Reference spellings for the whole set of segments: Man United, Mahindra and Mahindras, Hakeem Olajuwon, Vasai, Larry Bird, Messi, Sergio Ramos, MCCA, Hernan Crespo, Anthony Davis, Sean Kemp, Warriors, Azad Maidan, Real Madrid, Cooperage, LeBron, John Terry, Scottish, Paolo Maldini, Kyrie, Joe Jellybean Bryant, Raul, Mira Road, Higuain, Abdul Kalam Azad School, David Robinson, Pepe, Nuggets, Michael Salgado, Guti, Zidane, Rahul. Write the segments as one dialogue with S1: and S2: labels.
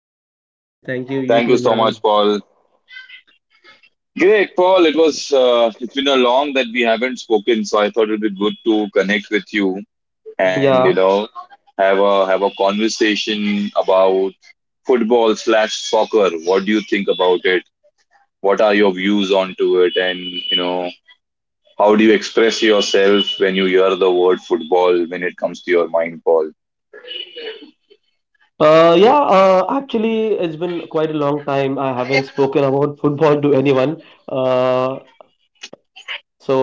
S1: you.
S2: Thank you.
S1: Thank you
S2: You
S1: so
S2: too,
S1: much,
S2: Imran.
S1: Paul. Great, Paul. It's been a long that we haven't spoken, so I thought it'd be good to connect with you and
S2: Yeah.
S1: have a conversation about football/soccer. What do you think about it? What are your views onto it? And how do you express yourself when you hear the word football when it comes to your mind, Paul?
S2: Yeah, actually, it's been quite a long time. I haven't spoken about football to anyone. Uh, so,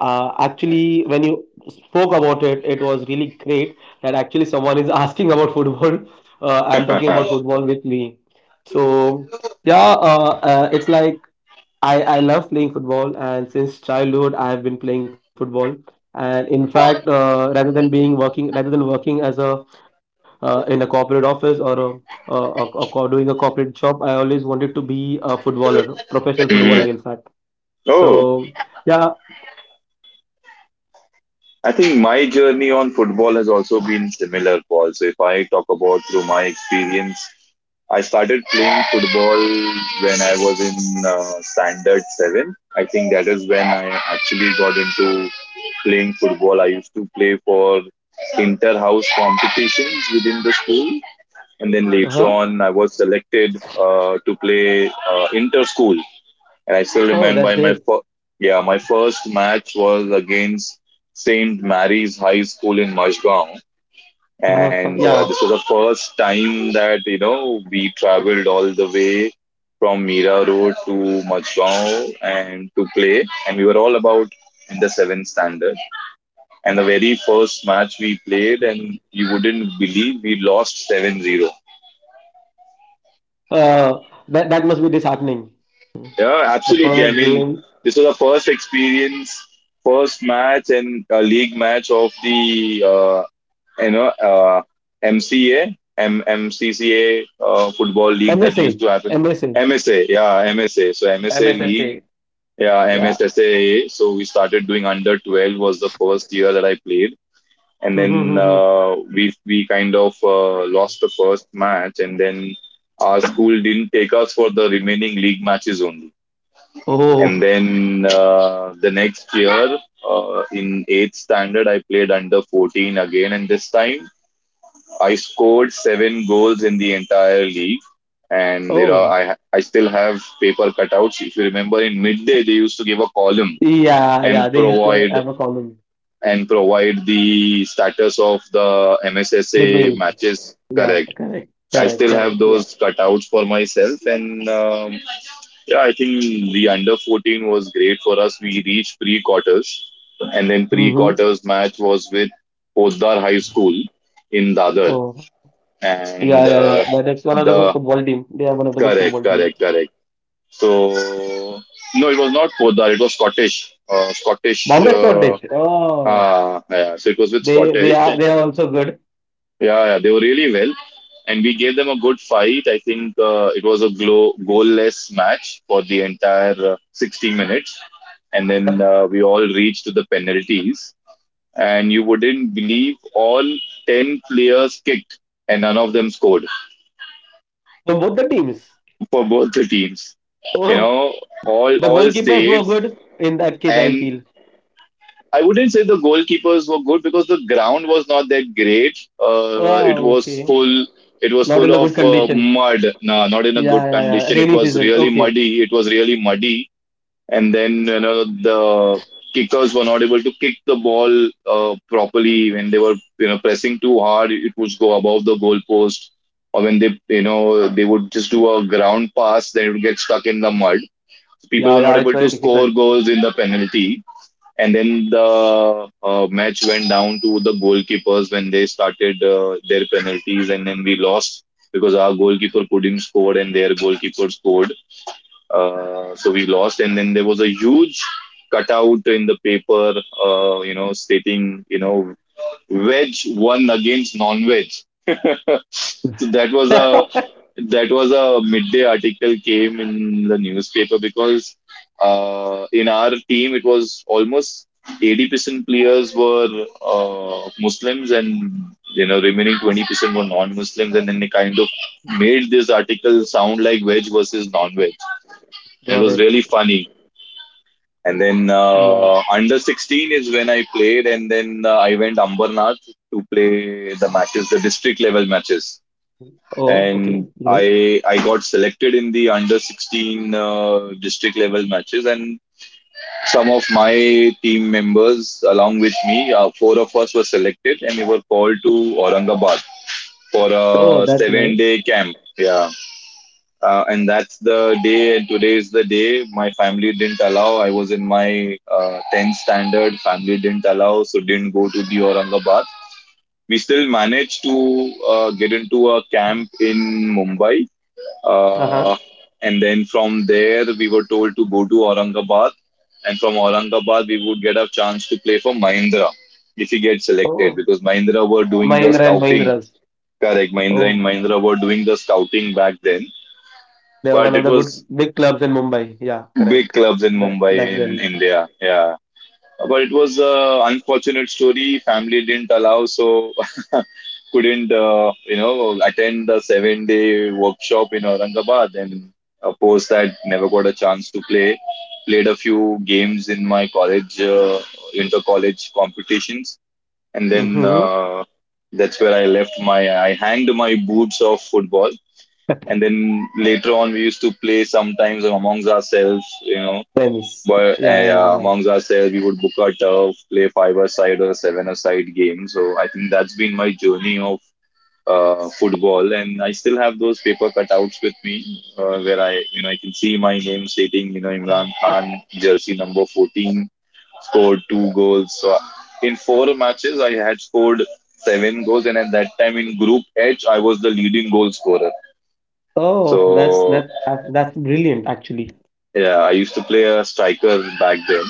S2: actually, when you spoke about it, it was really great that actually someone is asking about football and talking about football with me. So, yeah, it's like I love playing football, and since childhood I have been playing football. And in fact, rather than working as a in a corporate office or doing a corporate job, I always wanted to be a footballer, professional footballer.
S1: Mhm.
S2: In fact,
S1: Oh,
S2: so yeah,
S1: I think my journey on football has also been similar, Paul. So if I talk about through my experience, I started playing football when I was in standard seven. I think that is when I actually got into playing football. I used to play for inter-house competitions within the school, and then later on,
S2: huh?
S1: I was selected to play inter-school. And I still
S2: Oh, that's
S1: remember
S2: great.
S1: yeah, my first match was against St. Mary's High School in Mashgaon.
S2: Uh-huh.
S1: And
S2: Yeah,
S1: this was the first time that we traveled all the way from Mira Road to Mashgaon and to play. And we were all about in the seventh standard. And the very first match we played, and you wouldn't believe we lost 7-0.
S2: uh, that must be disheartening.
S1: Yeah,
S2: The
S1: absolutely. I
S2: first
S1: mean,
S2: game,
S1: this was the first experience, first match and league match of the you know uh, MCA, MCCA football league that used
S2: MSA,
S1: to happen. MSA, yeah, MSA. So MSA league, yeah,
S2: yeah.
S1: MSSAA. So we started doing under 12 was the first year that I played, and then uh, we we kind of lost the first match, and then our school didn't take us for the remaining league matches only.
S2: Oh,
S1: And then the next year, in eighth standard, I played under 14 again. And this time, I scored seven goals in the entire league. And you know,
S2: oh.
S1: I I still have paper cutouts. If you remember, in midday they used to give a column
S2: Yeah,
S1: and
S2: yeah, they used to
S1: provide
S2: have a column,
S1: and provide the status of the
S2: the
S1: MSSA
S2: games.
S1: matches.
S2: Yeah,
S1: Correct.
S2: correct,
S1: I
S2: correct,
S1: still
S2: correct.
S1: have
S2: Yeah.
S1: those cutouts for myself, and yeah, I think the under 14 was great for us. We reached pre quarters, and then pre
S2: Mm-hmm.
S1: quarters match was with Poddar High School in Dadar.
S2: Oh, yeah,
S1: and
S2: yeah, yeah.
S1: uh,
S2: But it's one of the good
S1: the
S2: football team. They are one of the good
S1: correct,
S2: football
S1: correct,
S2: teams.
S1: correct. So no, it was not Poddar. It was Scottish.
S2: Bombay
S1: Uh,
S2: Scorchers. Oh,
S1: ah, yeah. So it was with
S2: they they
S1: Scottish,
S2: are they are also good.
S1: yeah, yeah, they were really well, and we gave them a good fight. I think it was a goalless match for the entire 60 minutes, and then
S2: Uh,
S1: uh, we all reached to the penalties. And you wouldn't believe all 10 players kicked, and none of them scored
S2: So both the teams.
S1: for both the teams. You
S2: Oh,
S1: know, all
S2: the
S1: all
S2: goalkeepers were
S1: saved,
S2: good in that case. I
S1: and
S2: feel.
S1: I wouldn't say the goalkeepers were good because the ground was not that great. It
S2: Oh,
S1: was
S2: okay.
S1: full. It was
S2: Not in
S1: full
S2: the
S1: of
S2: good condition.
S1: mud. No, not in a good
S2: Yeah, yeah, yeah.
S1: condition. It
S2: Rainy
S1: was
S2: season.
S1: really
S2: Okay.
S1: muddy. It was really muddy. And then the kickers were not able to kick the ball properly when they were pressing too hard. It would go above the goalpost, or when they you know they would just do a ground pass, then it would get stuck in the mud. People
S2: Yeah,
S1: were
S2: yeah.
S1: not
S2: It's
S1: able to
S2: very difficult.
S1: score goals in the penalty, and then the match went down to the goalkeepers when they started their penalties, and then we lost because our goalkeeper couldn't score and their goalkeeper scored. So we lost, and then there was a huge cutout in the paper, stating, veg won against non-veg. so that was a that was a midday article came in the newspaper because in our team it was almost 80% players were Muslims and remaining 20% were non-Muslims, and then they kind of made this article sound like veg versus non-veg.
S2: Got
S1: And it
S2: it.
S1: was really funny. And then
S2: Yeah.
S1: uh, under 16 is when I played, and then I went Ambarnath to play the matches, the district level matches.
S2: Oh, okay.
S1: And
S2: You know.
S1: I got selected in the under 16 district level matches, and some of my team members along with me, four of us were selected, and we were called to Aurangabad for
S2: Oh,
S1: a
S2: that's
S1: seven
S2: nice.
S1: day camp. Yeah, and that's the day and today is the day my family didn't allow. I was in my 10th standard. Family didn't allow, so didn't go to the Aurangabad. We still managed to get into a camp in Mumbai,
S2: Uh-huh.
S1: uh, and then from there we were told to go to Aurangabad, and from Aurangabad we would get a chance to play for Mahindra if we get selected,
S2: Oh,
S1: because Mahindra were doing the
S2: Mahindra and
S1: scouting.
S2: Mahindras.
S1: Correct. Mahindra
S2: Oh,
S1: and Mahindra were doing the scouting back then,
S2: they are one
S1: but
S2: of
S1: it
S2: the
S1: was
S2: good big clubs in Mumbai. Yeah,
S1: big
S2: correct.
S1: clubs in
S2: Ba-
S1: Mumbai
S2: back
S1: in
S2: then.
S1: India. Yeah, but it was a unfortunate story. Family didn't allow, so couldn't attend the 7-day workshop in Aurangabad. And of course, that never got a chance to play. Played a few games in my college inter college competitions, and then
S2: Mm-hmm.
S1: That's where I hanged my boots of football. And then later on we used to play sometimes amongst ourselves you know
S2: Tennis.
S1: but
S2: Yeah, yeah.
S1: amongst ourselves, we would book a turf, play five-a-side or seven-a-side game. So I think that's been my journey of football, and I still have those paper cutouts with me, where I can see my name stating,
S2: yeah.
S1: Imran Khan, jersey number 14, scored two goals. So in four matches, I had scored seven goals, and at that time in Group H, I was the leading goal scorer.
S2: Oh, that's
S1: So
S2: that's brilliant actually.
S1: yeah, I used to play a striker back then.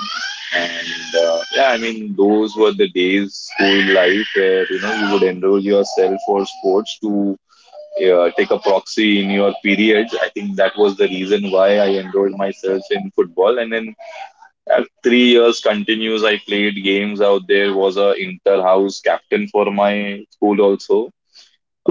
S1: And yeah, I mean, those were the days, school life, where you would enroll yourself for sports to take a proxy in your periods. I think that was the reason why I enrolled myself in football. And then at 3 years continuous, I played games out there. Was a inter house captain for my school also.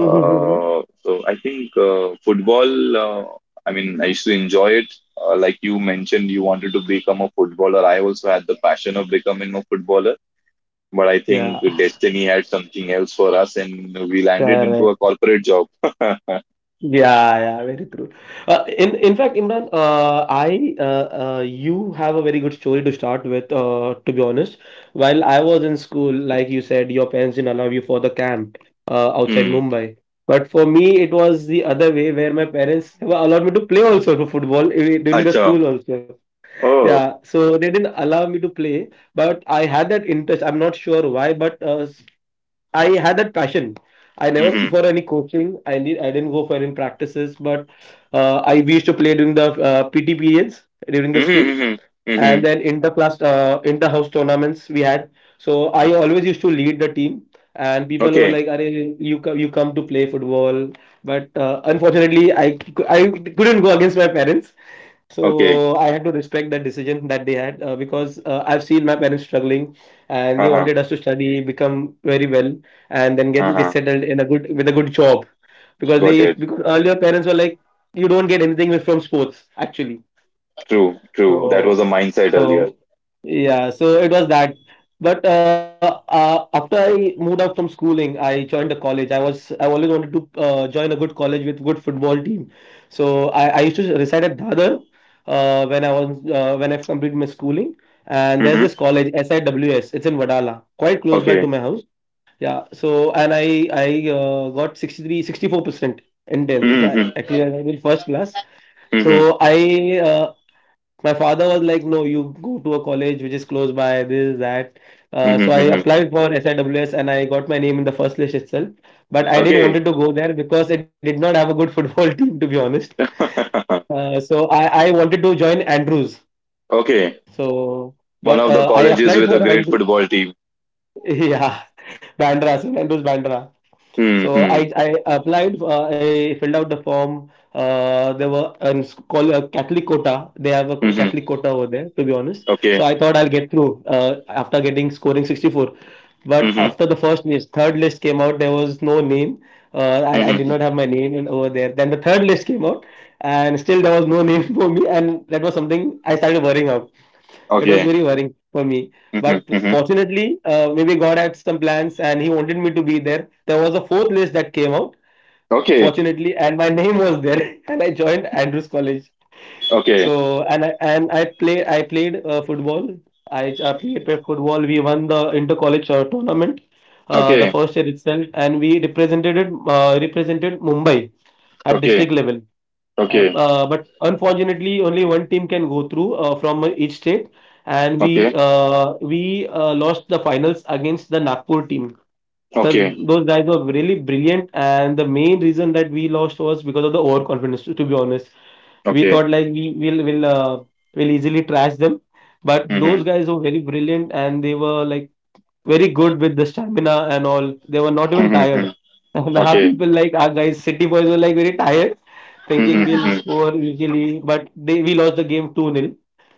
S1: so I think football. I mean, I used to enjoy it. Like you mentioned, you wanted to become a footballer. I also had the passion of becoming a footballer, but I
S2: Yeah,
S1: think destiny had something else for us, and we landed into a
S2: correct.
S1: corporate job.
S2: Yeah, yeah, very true. In fact, Imran, I you have a very good story to start with. To be honest, while I was in school, like you said, your parents didn't allow you for the camp outside
S1: Hmm.
S2: Mumbai. But for me, it was the other way, where my parents were allowed me to play also for football during the
S1: Acha.
S2: school also.
S1: Oh.
S2: Yeah, so they didn't allow me to play, but I had that interest. I'm not sure why, but I had that passion. I never went
S1: Mm-hmm.
S2: for any coaching. I didn't go for any practices, but I we used to play during the PT periods during the
S1: Mm-hmm.
S2: school,
S1: Mm-hmm. Mm-hmm.
S2: and then inter-house tournaments we had. So I always used to lead the team, and people were
S1: Okay.
S2: like, "Are you you come to play football?" But unfortunately, I couldn't go against my parents.
S1: Okay.
S2: So I had to respect that decision that they had because I've seen my parents struggling and they
S1: Uh-huh.
S2: wanted us to study, become very well, and then get
S1: Uh-huh.
S2: settled in a good with a good job because they
S1: Got
S2: used
S1: it.
S2: because earlier parents were like you don't get anything from sports actually
S1: True. True. That was
S2: so,
S1: a mindset earlier.
S2: so yeah, so it was that. But after I moved out from schooling, I joined a college. I always wanted to join a good college with good football team. So I used to reside at Dadar when I completed my schooling. And there's
S1: Mm-hmm.
S2: this college SIWS. It's in Vadala, quite close by to
S1: Okay.
S2: my house. Yeah. So and I got 63, 64% in 10. So
S1: Mm-hmm.
S2: I cleared I did first class.
S1: Mm-hmm.
S2: So I uh, my father was like, no, you go to a college which is close by, this, that. So
S1: Mm-hmm.
S2: I
S1: Mm-hmm.
S2: applied for SIWS and I got my name in the first list itself. But I didn't
S1: Okay.
S2: wanted to go there because it did not have a good football team, to be honest. So I wanted to join Andrews.
S1: Okay.
S2: So,
S1: One of
S2: but
S1: the
S2: uh, I
S1: colleges with a
S2: applied for
S1: great
S2: Andrews.
S1: football team.
S2: Yeah, Bandra, St. Andrews Bandra.
S1: Hmm.
S2: So
S1: Hmm.
S2: I applied, I filled out the form. There were And it's called a Catholic quota. They have a
S1: Mm-hmm.
S2: Catholic quota over there, to be honest.
S1: Okay.
S2: So I thought I'll get through after getting scoring 64. But
S1: Mm-hmm.
S2: after the first list, third list came out, there was no name. Uh,
S1: Hmm,
S2: I, I
S1: hmm,
S2: did
S1: hmm.
S2: not have my name in, over there. Then the third list came out, and still there was no name for me. And that was something I started worrying out. It was
S1: Okay.
S2: very worrying for me.
S1: Hmm, hmm,
S2: But
S1: hmm, hmm.
S2: fortunately, maybe God had some plans and He wanted me to be there. There was a fourth list that came out,
S1: Okay.
S2: fortunately, and my name was there, and I joined Andrews College.
S1: Okay.
S2: So and I play I played football. I played football. We won the inter college tournament the
S1: Okay.
S2: first year itself, and we represented Mumbai at
S1: Okay.
S2: district level.
S1: Okay.
S2: But unfortunately, only one team can go through from each state, and we
S1: Okay.
S2: uh, we uh, lost the finals against the Nagpur team. Thus,
S1: Okay.
S2: those guys were really brilliant, and the main reason that we lost was because of the overconfidence. To be honest, we
S1: Okay.
S2: thought like we will easily trash them, but those
S1: Mm-hmm.
S2: guys were very brilliant, and they were like very good with the stamina and all. They were not
S1: Hmm.
S2: even
S1: Hmm. Hmm, hmm.
S2: tired. And our
S1: Okay.
S2: people, like our guys, City boys, were like very tired,
S1: Hmm.
S2: thinking
S1: Hmm, hmm,
S2: we'll
S1: hmm.
S2: score usually, but they we lost the game 2 nil,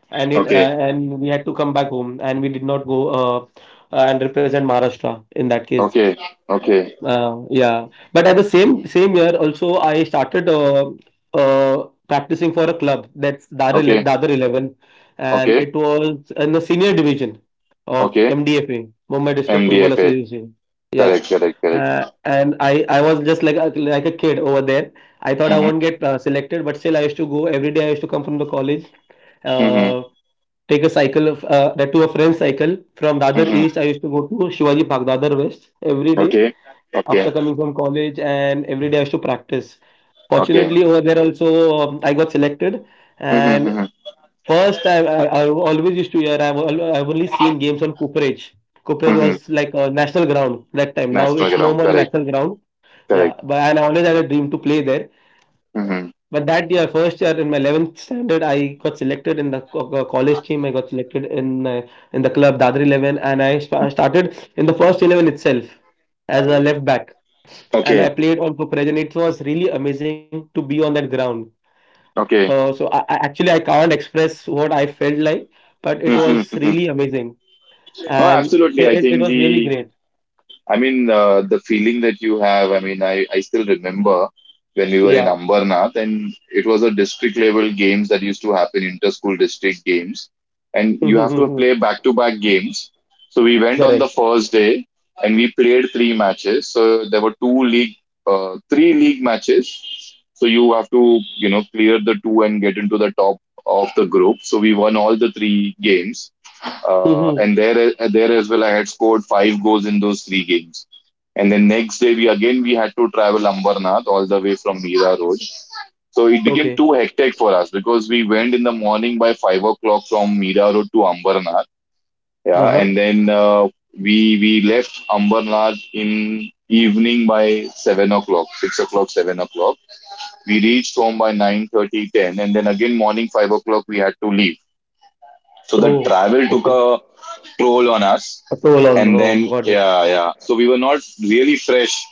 S2: and it
S1: Okay.
S2: and we had to come back home and we did not go and represent Maharashtra in that case.
S1: Okay. Okay.
S2: Yeah, but at the same year also I started practicing for a club that's
S1: Okay.
S2: Dadar 11, and
S1: Okay.
S2: it was in the senior division of
S1: Okay.
S2: MDFA Mumbai District Football
S1: MDFA.
S2: Association. Yeah,
S1: Correct. Correct. Correct.
S2: and I was just like like a kid over there. I thought I
S1: Hmm,
S2: won't get selected, but still I used to go every day. I used to come from the college,
S1: hmm, hmm, hmm,
S2: uh, take a cycle of, that to a friend's cycle from
S1: hmm,
S2: Dadar
S1: hmm.
S2: East. I used to go to Shivaji Park, Dadar West every day
S1: Okay.
S2: after
S1: Okay.
S2: coming from college and every day I used to practice.
S1: Okay.
S2: Fortunately, over there also I got selected.
S1: Hmm.
S2: And
S1: Hmm.
S2: first, I always used to hear I've only seen games on Cooperage. Cooperage
S1: Mm-hmm.
S2: was like a national ground that time. Now
S1: National
S2: it's no
S1: ground.
S2: more a
S1: Correct.
S2: national ground. Yeah,
S1: Correct.
S2: but and I always had a dream to play there.
S1: Hmm.
S2: But that year, first year in my 11th standard, I got selected in the college team. I got selected in the club Dadri 11, and I started in the first 11 itself as a left back and I
S1: Okay.
S2: played on also Pregen. It was really amazing to be on that ground.
S1: Okay.
S2: So I actually I can't express what I felt like, but it was
S1: Hmm.
S2: really amazing
S1: No,
S2: and
S1: absolutely. I
S2: it, it,
S1: think
S2: it was really
S1: the
S2: great.
S1: I mean, the feeling that you have, I mean, I still remember when we were in
S2: Yeah.
S1: Ambarnath, and it was a district level games that used to happen, inter-school district games. And you have to play back-to-back games. So we went on the
S2: Correct.
S1: first day and we played three matches. So there were two league, three league matches. So you have to, clear the two and get into the top of the group. So we won all the three games,
S2: Mhm.
S1: and there as well, I had scored five goals in those three games. And then next day, we again we had to travel Ambarnath all the way from Meera Road. So it became too
S2: Okay.
S1: hectic for us because we went in the morning by 5 o'clock from Meera Road to Ambarnath. Yeah, and
S2: Uh-huh.
S1: then we left Ambarnath in evening by 7 o'clock, 6 o'clock, 7 o'clock. We reached home by 9:30, 10, and then again morning 5 o'clock we had to leave. So the
S2: Oh,
S1: travel took
S2: okay.
S1: a troll on us.
S2: So
S1: And
S2: on. Oh,
S1: then,
S2: got it.
S1: yeah, yeah. So we were not really fresh.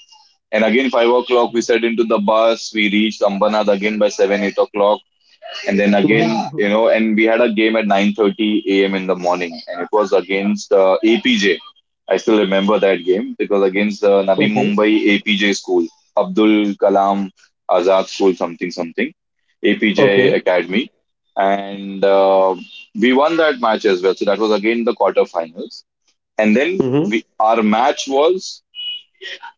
S1: And again, 5 o'clock, we set into the bus. We reached Ambanad again by 7, 8 o'clock, and then again, you
S2: Mhm.
S1: know, and we had a game at 9:30 a.m. in the morning, and it was against APJ. I still remember that game. It was against Navi
S2: Okay.
S1: Mumbai APJ School, Abdul Kalam Azad School, something something, APJ
S2: Okay.
S1: Academy, and we won that match as well. So that was again the quarterfinals, and then
S2: hmm
S1: we our match was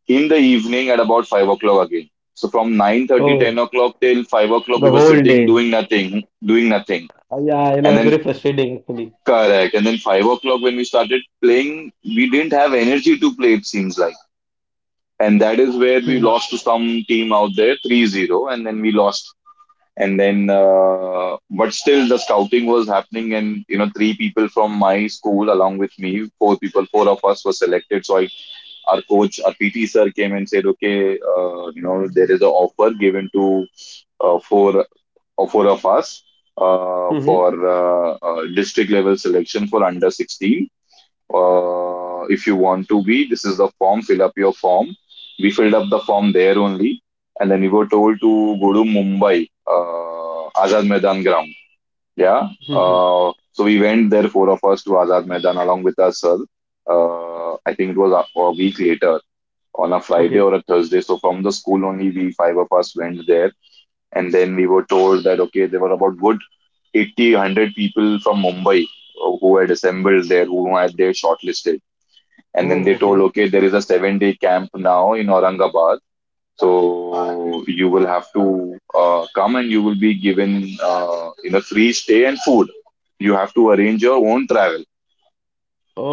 S1: in the evening at about 5 o'clock again. So from 9:30, ten
S2: Oh,
S1: o'clock till 5 o'clock, we
S2: the
S1: were
S2: whole
S1: sitting
S2: day.
S1: doing nothing,
S2: Yeah, you know,
S1: and
S2: it's
S1: then,
S2: very frustrating actually.
S1: correct. And then 5 o'clock when we started playing, we didn't have energy to play. It seems like, and that is where we lost to some team out there 3-0, and then we lost. And then, but still, the scouting was happening, and three people from my school along with me, four people, four of us were selected. So I Our coach, our PT sir came and said, okay, there is an offer given to uh, four, four of us for
S2: Mm-hmm.
S1: district level selection for under 16. If you want to be, this is the form, fill up your form. We filled up the form there only. And then we were told to go to Mumbai, Azad Maidan ground. Yeah.
S2: Mm-hmm.
S1: So we went there, four of us, to Azad Maidan along with our sir. I think it was a week later on a Friday or a
S2: Okay.
S1: Thursday. So from the school only, we five of us went there, and then we were told that okay, there were about good 80, 100 people from Mumbai who had assembled there, who had they shortlisted, and then they
S2: Oh,
S1: told
S2: okay.
S1: okay, there is a 7-day camp now in Aurangabad. So you will have to come, and you will be given free stay and food. You have to arrange your own travel.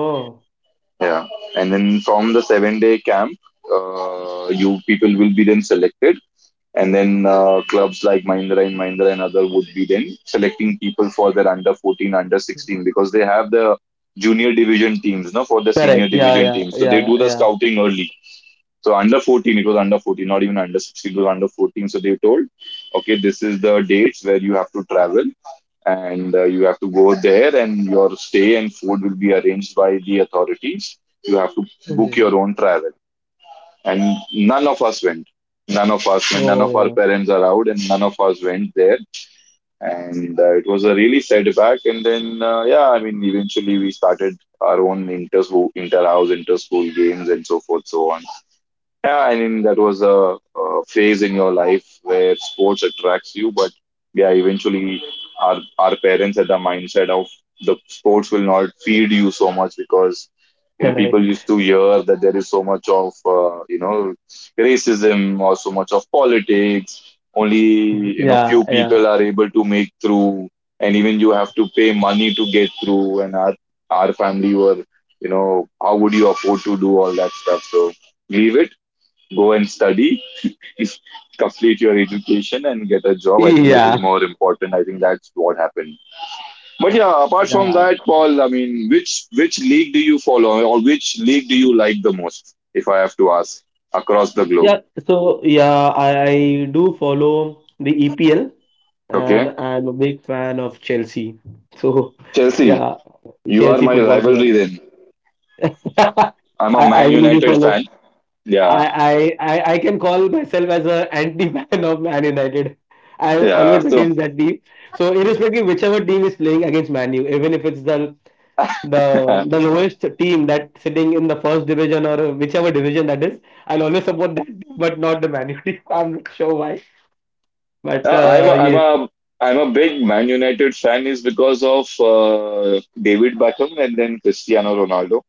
S2: Oh.
S1: Yeah, and then from the 7-day camp, you people will be then selected. And then clubs like Mahindra and Mahindra and other would be then selecting people for their under 14, under 16, because they have the junior division teams, no, for the senior
S2: Correct. Yeah,
S1: division
S2: yeah,
S1: teams. So they do
S2: yeah,
S1: the
S2: yeah.
S1: scouting early. So under 14, it was under 14, not even under 16, it was under 14. So they told, okay, this is the dates where you have to travel, and you have to go there and your stay and food will be arranged by the authorities. You have to book your
S2: hmm
S1: own travel, and none of us went, none of
S2: Oh,
S1: our
S2: yeah.
S1: parents are out, and none of us went there. And it was a really setback. And then yeah, I mean, eventually we started our own inter house, inter school games and so forth, so on. Yeah, I mean, that was a phase in your life where sports attracts you, but yeah, eventually our parents had the mindset of, the sports will not feed you so much, because people
S2: Correct.
S1: used to hear that there is so much of racism or so much of politics. Only
S2: Mhm. Yeah,
S1: few
S2: yeah,
S1: people are able to make through, and even you have to pay money to get through. And our family were, you know, how would you afford to do all that stuff? So leave it, go and study, complete your education, and get a job. I think that is
S2: Yeah.
S1: more important. I think that's what happened. But yeah, apart from
S2: yeah,
S1: that, Paul, I mean, which league do you follow, or which league do you like the most? If I have to ask, across the globe,
S2: yeah. So yeah, I do follow the EPL,
S1: okay?
S2: and I'm a big fan of Chelsea. So
S1: Chelsea,
S2: yeah,
S1: you are
S2: Chelsea
S1: my
S2: Football Club.
S1: rivalry. Then I'm a
S2: I
S1: Man
S2: really
S1: United
S2: follow.
S1: fan. Yeah,
S2: I, I, I can call myself as a anti-fan of Man United. I'm
S1: yeah.
S2: always
S1: So
S2: against that team. So irrespective whichever team is playing against Man U, even if it's the
S1: uh,
S2: the the lowest team that's sitting in the first division or whichever division that is. I'll always support that, team, but not the Man U team. I'm not sure why, but
S1: I'm a, I'm
S2: yes,
S1: a I'm a big Man United fan is because of David Beckham and then Cristiano Ronaldo.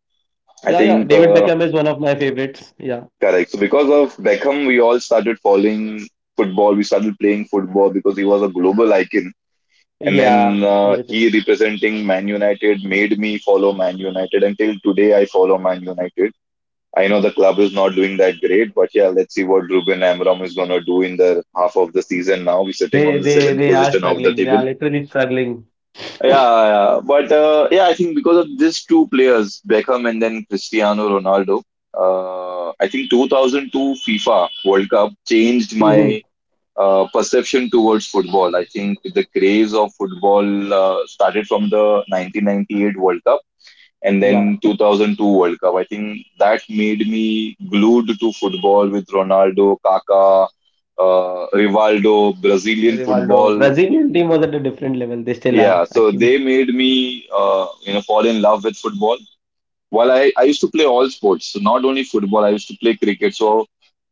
S1: I
S2: yeah, yeah.
S1: think
S2: David Beckham is one of my favorites. Yeah,
S1: Correct. So because of Beckham, we all started following football. We started playing football because he was a global icon. And
S2: yeah.
S1: then
S2: Everything.
S1: he representing Man United made me follow Man United. Until today, I follow Man United. I know the club is not doing that great, but yeah, let's see what Ruben Amram is going to do in the half of the season now. We're sitting
S2: They
S1: on the
S2: they
S1: seventh
S2: they are
S1: position of the
S2: struggling. They
S1: table.
S2: are literally struggling.
S1: Yeah, yeah. Yeah. But yeah, I think because of these two players, Beckham and then Cristiano Ronaldo, I think 2002 FIFA World Cup changed
S2: Mhm.
S1: my perception towards football. I think the craze of football started from the 1998 World Cup and
S2: Yeah,
S1: then 2002 World Cup. I think that made me glued to football with Ronaldo, Kaká, Rivaldo, Brazilian
S2: Rivaldo.
S1: football,
S2: Brazilian team was at a different level. They still are
S1: yeah, so
S2: actually.
S1: they made me, fall in love with football. Well, I used to play all sports, so not only football, I used to play cricket. So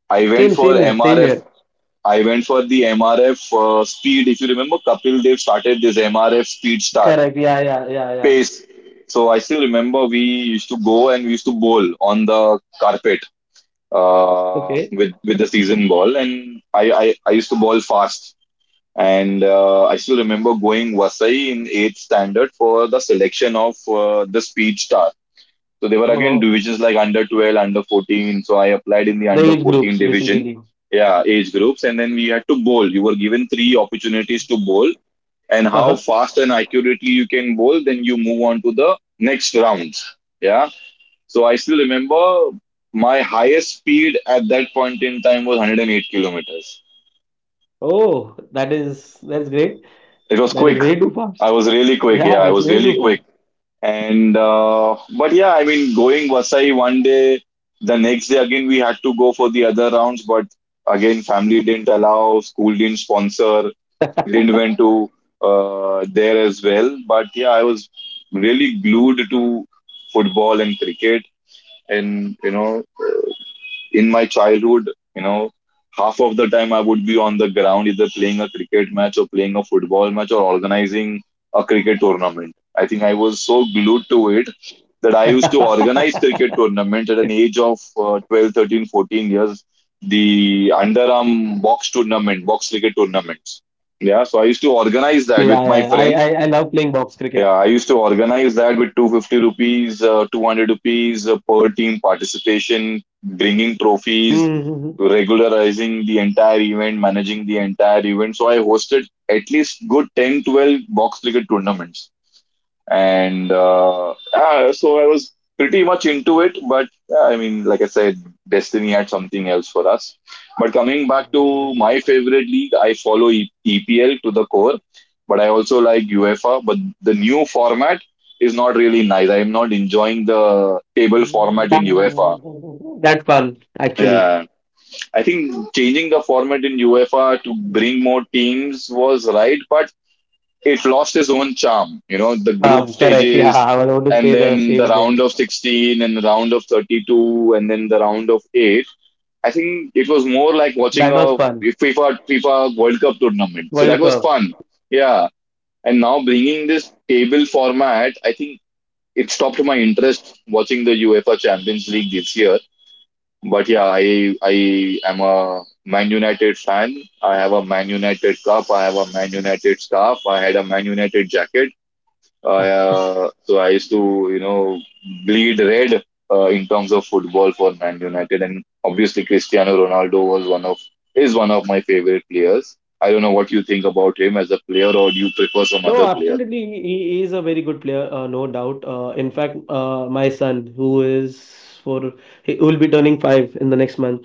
S1: I went
S2: Same
S1: for
S2: same here. Same
S1: MRF.
S2: here.
S1: I went for the MRF speed. If you remember, Kapil Dev started this MRF speed star
S2: Correct. Yeah yeah yeah yeah.
S1: pace. So I still remember we used to go and we used to bowl on the carpet
S2: Okay.
S1: with the season ball, and I used to bowl fast. And I still remember going Vasai in eighth standard for the selection of the speed star. So they were again
S2: So
S1: divisions like under 12, under 14. So I applied in the under
S2: the
S1: 14
S2: age groups
S1: division,
S2: basically.
S1: yeah, age groups. And then we had to bowl. You were given three opportunities to bowl. And how fast and accurately you can bowl, then you move on to the next rounds. Yeah. So I still remember my highest speed at that point in time was 108 kilometers.
S2: Oh, that is that's great.
S1: It was
S2: That is
S1: quick.
S2: way too
S1: I
S2: fast.
S1: was really quick. Yeah,
S2: Yeah,
S1: I
S2: it's
S1: was
S2: way
S1: really quick.
S2: too
S1: And but yeah, I mean, going Vasai one day, the next day again we had to go for the other rounds, but again family didn't allow, school didn't sponsor, didn't went to there as well. But yeah, I was really glued to football and cricket, and in my childhood, half of the time I would be on the ground either playing a cricket match or playing a football match or organizing a cricket tournament. I think I was so glued to it that
S2: fast.
S1: I used to organize cricket tournament at an age of 12, 13, 14 years, the underarm box tournament, box cricket tournaments. Yeah, so I used to
S2: Yeah, yeah, yeah.
S1: organize
S2: I,
S1: that with
S2: I I
S1: my
S2: love
S1: friends,
S2: playing box cricket.
S1: yeah, I used to organize that with 250 rupees, 200 rupees per team participation, bringing
S2: Mhm.
S1: trophies, regularizing the entire event, managing the entire event. So I hosted at least good 10, 12 box cricket tournaments, and yeah, so I was pretty much into it. But yeah, I mean, like I said, destiny had something else for us. But coming back to my favorite league, I follow EPL to the core, but I also like UEFA. But the new format is not really nice. I'm not enjoying the table format
S2: That,
S1: in UEFA.
S2: That's fun, actually.
S1: Yeah, I think changing the format in UEFA to bring more teams was right, but it lost its own charm. You know, the group
S2: Correct. Yeah,
S1: stages
S2: I was going to
S1: and
S2: say the
S1: then the
S2: same
S1: round
S2: thing.
S1: of 16 and the round of 32 and then the round of 8. I think it was more like watching
S2: That was
S1: a
S2: fun.
S1: FIFA World Cup tournament. So that
S2: World
S1: was
S2: Cup.
S1: fun. Yeah. And now bringing this table format, I think it stopped my interest watching the UEFA Champions League this year. But yeah, I am a Man United fan. I have a Man United cup. I have a Man United scarf. I had a Man United jacket. I, uh, yeah, so I used to, bleed red in terms of football for Man United, and obviously Cristiano Ronaldo was one of is one of my favorite players. I don't know what you think about him as a player, or do you prefer some
S2: No,
S1: other player?
S2: absolutely. He is a very good player, no doubt. In fact, my son, who is for he will be turning five in the next month,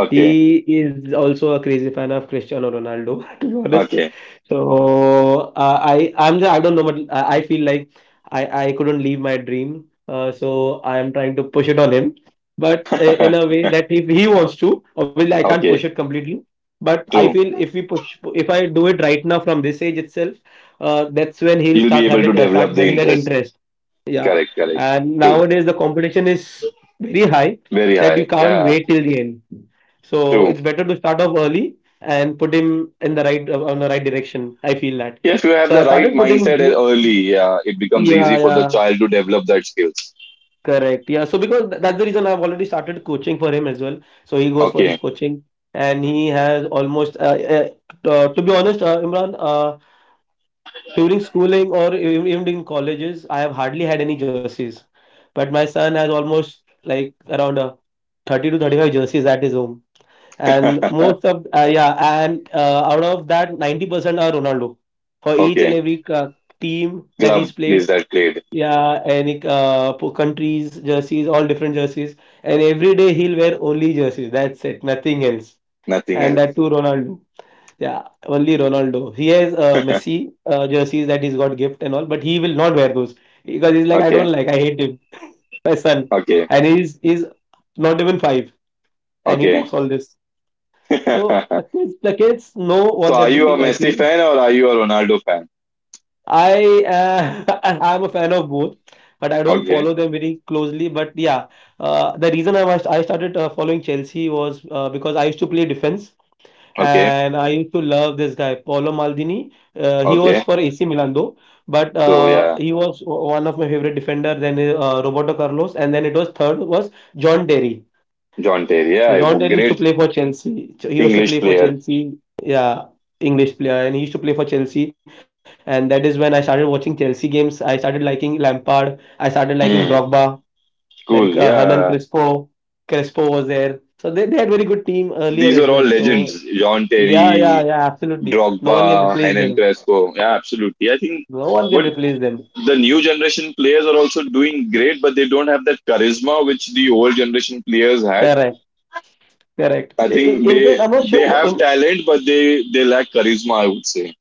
S1: Okay,
S2: he is also a crazy fan of Cristiano Ronaldo, to be honest.
S1: okay,
S2: So I'm just, I don't know, but I feel like I couldn't leave my dream, so I am trying to push it on him, but in a way that if he wants to, obviously I can't push it
S1: okay.
S2: completely. But I
S1: True.
S2: feel if we push, if I do it right now from this age itself that's when he'll
S1: You'll be able to
S2: start
S1: develop the
S2: having that
S1: interest.
S2: interest. Yeah,
S1: Correct, correct.
S2: and
S1: True.
S2: nowadays the competition is very high
S1: Very
S2: that you
S1: high.
S2: can't
S1: Yeah.
S2: wait till the end. So
S1: True.
S2: it's better to start off early and put him in the right on the right direction. I feel that.
S1: If you have
S2: So I
S1: the right
S2: started putting.
S1: mindset early, yeah, it becomes
S2: Yeah,
S1: easy for the
S2: yeah.
S1: child to develop that skills.
S2: Correct. Yeah. So because that's the reason I've already started coaching for him as well. So he goes for his
S1: Okay.
S2: coaching and he has almost to be honest, Imran. During schooling or even in colleges, I have hardly had any jerseys. But my son has almost like around 30 to 35 jerseys at his home. And most of, yeah, and out of that, 90% are Ronaldo for each and
S1: Okay.
S2: every team that
S1: Club
S2: he's
S1: is
S2: played.
S1: that played,
S2: Yeah, any countries, jerseys, all different jerseys. And every day he'll wear only jerseys. That's it, nothing else.
S1: nothing
S2: And that too,
S1: else.
S2: Ronaldo. Yeah, only Ronaldo. He has Messi jerseys that he's got gift and all, but he will not wear those because he's like, I
S1: Okay,
S2: don't like, I hate him, my son,
S1: okay,
S2: and he's not even five, and he
S1: okay.
S2: talks all this. So the kids, the kids know
S1: So
S2: what
S1: are
S2: they're
S1: you a
S2: doing. I
S1: Messi
S2: feel.
S1: fan or are you a Ronaldo fan?
S2: I I'm a fan of both, but I don't
S1: Okay,
S2: follow them very closely. But yeah, the reason I started following Chelsea was because I used to play defense.
S1: okay,
S2: And I used to love this guy, Paolo Maldini. He was
S1: okay.
S2: for AC Milan though, but
S1: So yeah,
S2: he was one of my favorite defender. Then Roberto Carlos, and then it was third was John Terry.
S1: John Terry,
S2: So
S1: yeah, a
S2: John Terry used to
S1: great
S2: play for Chelsea. So he used to
S1: English
S2: play for
S1: player.
S2: Chelsea. Yeah. English player, and he used to play for Chelsea, and that is when I started watching Chelsea games. I started liking Lampard, I started liking
S1: Hmm,
S2: Drogba, then
S1: cool,
S2: Hernan
S1: yeah.
S2: Crespo. Crespo was there. So they had very good team earlier
S1: These are
S2: as
S1: all
S2: well. So
S1: legends. John
S2: yeah,
S1: Terry,
S2: yeah, yeah, absolutely. No one can
S1: Drogba,
S2: replace
S1: Henan
S2: them.
S1: Crespo. Yeah, absolutely. I think,
S2: No one
S1: but
S2: can replace them.
S1: the new generation players are also doing great, but they don't have that charisma which the old generation players had.
S2: Correct, correct.
S1: I think
S2: In
S1: they
S2: fact, I'm not
S1: they
S2: sure.
S1: have talent, but they lack charisma, I would say.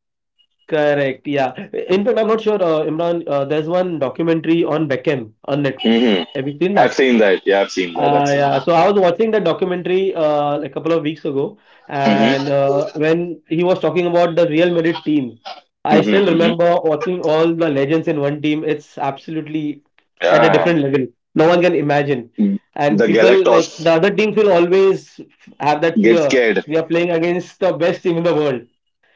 S2: Correct, yeah. In fact, I'm not sure, Imran, there's one documentary on Beckham on Netflix.
S1: Hmm.
S2: Have you seen
S1: I've
S2: that?
S1: seen that. Yeah, I've seen that. I've seen
S2: Yeah,
S1: that.
S2: so I was watching that documentary a couple of weeks ago,
S1: Hmm.
S2: and when he was talking about the Real Madrid team, I
S1: Hmm.
S2: still
S1: Hmm.
S2: remember watching all the legends in one team. It's absolutely at a
S1: Yeah.
S2: different level. No one can imagine. And
S1: The
S2: people like the
S1: Galactos
S2: other teams will always have that
S1: get
S2: fear.
S1: scared.
S2: We are playing against the best team in the world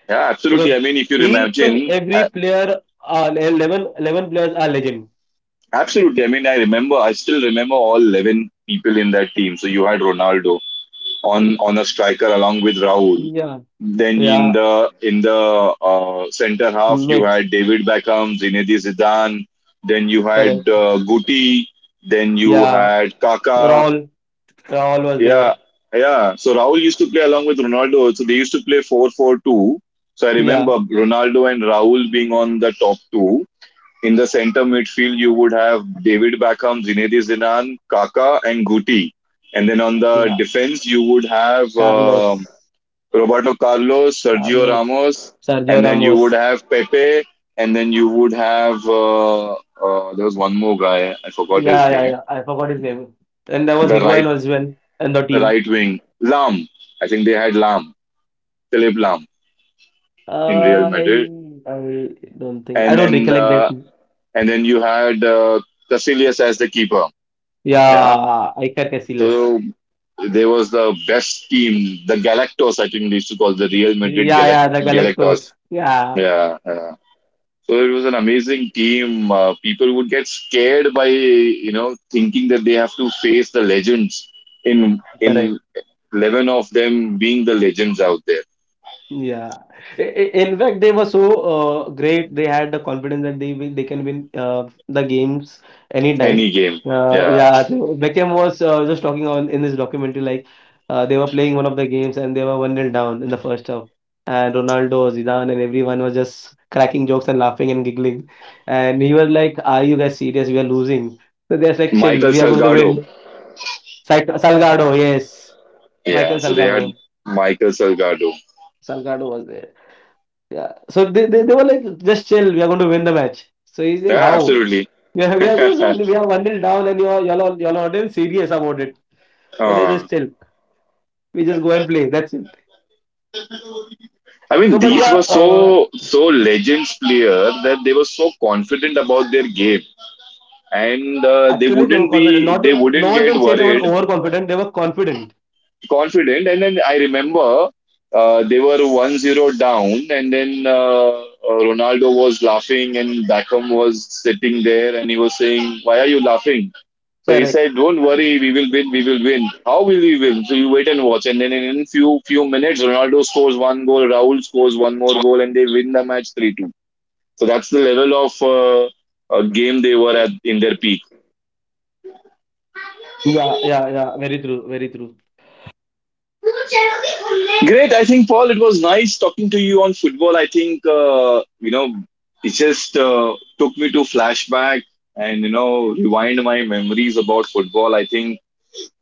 S1: Yeah, absolutely.
S2: because
S1: I mean, if you
S2: each and
S1: imagine,
S2: every
S1: uh,
S2: player, eleven players are legend.
S1: absolutely. I mean, I remember. I still remember all 11 people in that team. So you had Ronaldo, on a striker along with Rahul.
S2: Yeah.
S1: Then in
S2: Yeah,
S1: the in the uh, centre half you
S2: mates.
S1: had David Beckham, Zinedine Zidane. Then you had
S2: Correct.
S1: Guti. Then you
S2: Yeah,
S1: had Kaká.
S2: Raul. Raul was
S1: Yeah,
S2: there.
S1: yeah. So Rahul used to play along with Ronaldo. So they used to play 4-4-2. So I
S2: Yeah,
S1: remember Ronaldo and Rahul being on the top two. In the centre midfield, you would have David Beckham, Zinedine Zidane, Kaká, and Guti. And then on the
S2: yeah.
S1: defense, you would have
S2: Carlos.
S1: Roberto Carlos, Sergio
S2: Carlos,
S1: Ramos,
S2: Sergio
S1: and then you would
S2: Ramos.
S1: have Pepe, and then you would have there was one more guy I forgot
S2: Yeah,
S1: his
S2: yeah,
S1: name.
S2: yeah. I forgot his name. And there was
S1: The
S2: Higuain
S1: right
S2: as well in the team.
S1: right wing Lam. I think they had Lam, Philip Lam in Real
S2: Uh, I,
S1: Madrid,
S2: I don't think. I
S1: and
S2: don't
S1: then
S2: recollect that.
S1: uh, and then you had Casillas as the keeper. Yeah,
S2: Yeah, Iker Casillas.
S1: so there was the best team, the Galactos. I think they used to call the Real Madrid
S2: Yeah, yeah, the Galactos.
S1: Galactos.
S2: Yeah,
S1: Yeah, yeah. So it was an amazing team. People would get scared by thinking that they have to face the legends in
S2: correct.
S1: in 11 of them being the legends out there.
S2: Yeah. In fact, they were so great. They had the confidence that they can win the games anytime.
S1: Any game, yeah.
S2: Yeah, Beckham was just talking on in this documentary like they were playing one of the games and they were one nil down in the first half. And Ronaldo, Zidane, and everyone was just cracking jokes and laughing and giggling. And he was like, "Are you guys serious? We are losing." So they're like, "Chill,
S1: Michael
S2: we are going to
S1: Salgado,
S2: win." Salgado, yes,
S1: yeah.
S2: Michael
S1: So they had
S2: Salgado.
S1: Michael Salgado.
S2: Salgado was there. Yeah. So they were like, just chill, we are going to win the match. So he's saying,
S1: Yeah,
S2: how?
S1: absolutely.
S2: Yeah, we are one nil down, and you're not even serious about it. So they
S1: uh,
S2: just chill. We just go and play. That's it.
S1: I mean,
S2: No, but
S1: these
S2: yeah,
S1: were so legends player that they were so confident about their game, and
S2: yeah. Actually, they were confident. Not,
S1: they
S2: no
S1: wouldn't
S2: one can
S1: get
S2: say they were
S1: worried,
S2: overconfident. They were confident.
S1: confident. And then I remember they were 1-0 down, and then Ronaldo was laughing, and Beckham was sitting there and he was saying, "Why are you laughing?" So he said, "Don't worry, we will win. We will win. How will we win? So you wait and watch." And then in few minutes, Ronaldo scores one goal, Raul scores one more goal, and they win the match 3-2. So that's the level of game they were at in their peak.
S2: Yeah, yeah, yeah. Very true. Very true.
S1: Great. I think, Paul, it was nice talking to you on football. I think, it just took me to flashback and, rewind my memories about football. I think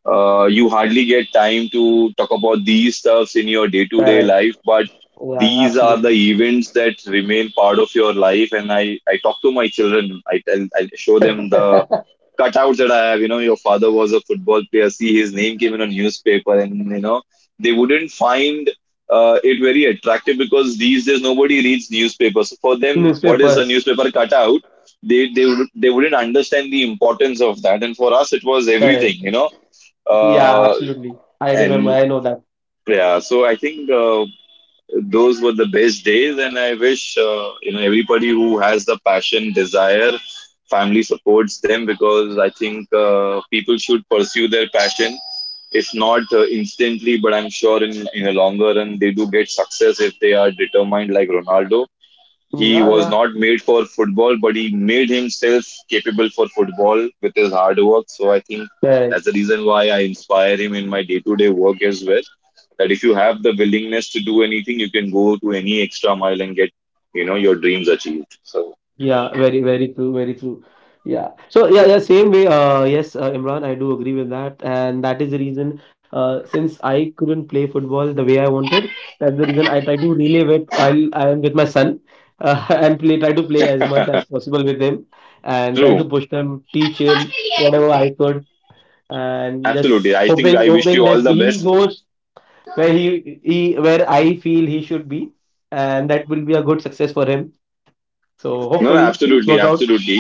S1: you hardly get time to talk about these stuffs in your day to day
S2: Correct.
S1: life, but
S2: Yeah,
S1: these are the
S2: absolutely.
S1: events that remain part of your life. And I talk to my children, I show them the cutout that I have. You know, your father was a football player. See, his name came in a newspaper, and they wouldn't find it very attractive because these days nobody reads newspapers. So for them, what is a
S2: Newspapers.
S1: newspaper cutout? They wouldn't understand the importance of that. And for us, it was everything.
S2: Correct. Yeah,
S1: Uh,
S2: absolutely. I remember.
S1: and
S2: I know that.
S1: yeah. So I think. Those were the best days, and I wish everybody who has the passion, desire, family supports them, because I think people should pursue their passion, if not instantly, but I'm sure in a longer run they do get success if they are determined, like Ronaldo.
S2: Mm, yeah,
S1: He
S2: yeah.
S1: was not made for football, but he made himself capable for football with his hard work. So I think
S2: Correct.
S1: that's the reason why I inspire him in my day to day work as well, that if you have the willingness to do anything, you can go to any extra mile and get, your dreams achieved. So
S2: Yeah, very, very true, very true. Yeah. So yeah, yeah, same way. Yes, Imran, I do agree with that, and that is the reason. Since I couldn't play football the way I wanted, that's the reason I try to relive it while I am with my son, and play try to play as much as possible with him, and try to
S1: true.
S2: push him, teach him whatever I could, and
S1: Absolutely.
S2: just
S1: I think
S2: hoping
S1: I wish you
S2: hoping
S1: all
S2: that
S1: the
S2: he
S1: best.
S2: goes where I feel he should be, and that will be a good success for him. So
S1: No, no,
S2: hopefully things
S1: absolutely.
S2: work out.
S1: Absolutely.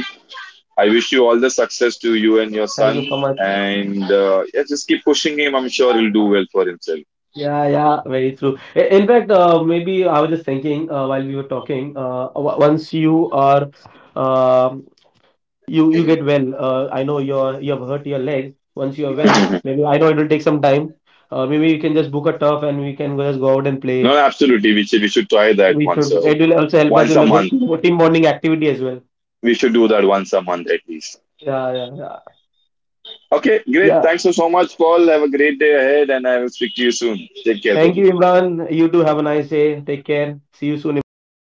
S1: I wish you all the success to you and your
S2: Thank
S1: son.
S2: you so much.
S1: And yeah, just keep pushing him. I'm sure he'll do well for himself.
S2: Yeah, yeah, very true. In fact, maybe I was just thinking while we were talking. Once you are, um you get well. I know you have hurt your leg. Once you are well,
S1: No,
S2: maybe I know it will take some time. Maybe you can just book a turf and we can just go out and play.
S1: no, absolutely. We should try that
S2: We
S1: once,
S2: should.
S1: uh,
S2: It will also help us
S1: once
S2: in
S1: a
S2: the good
S1: month.
S2: team bonding activity as well.
S1: We should do that once a month at least.
S2: Yeah, yeah, yeah.
S1: Okay, great.
S2: Yeah.
S1: Thanks so much, Paul. Have a great day ahead, and I will speak to you soon. Take care,
S2: Thank
S1: buddy.
S2: you, Imran. You too. Have a nice day. Take care. See you soon, Imran.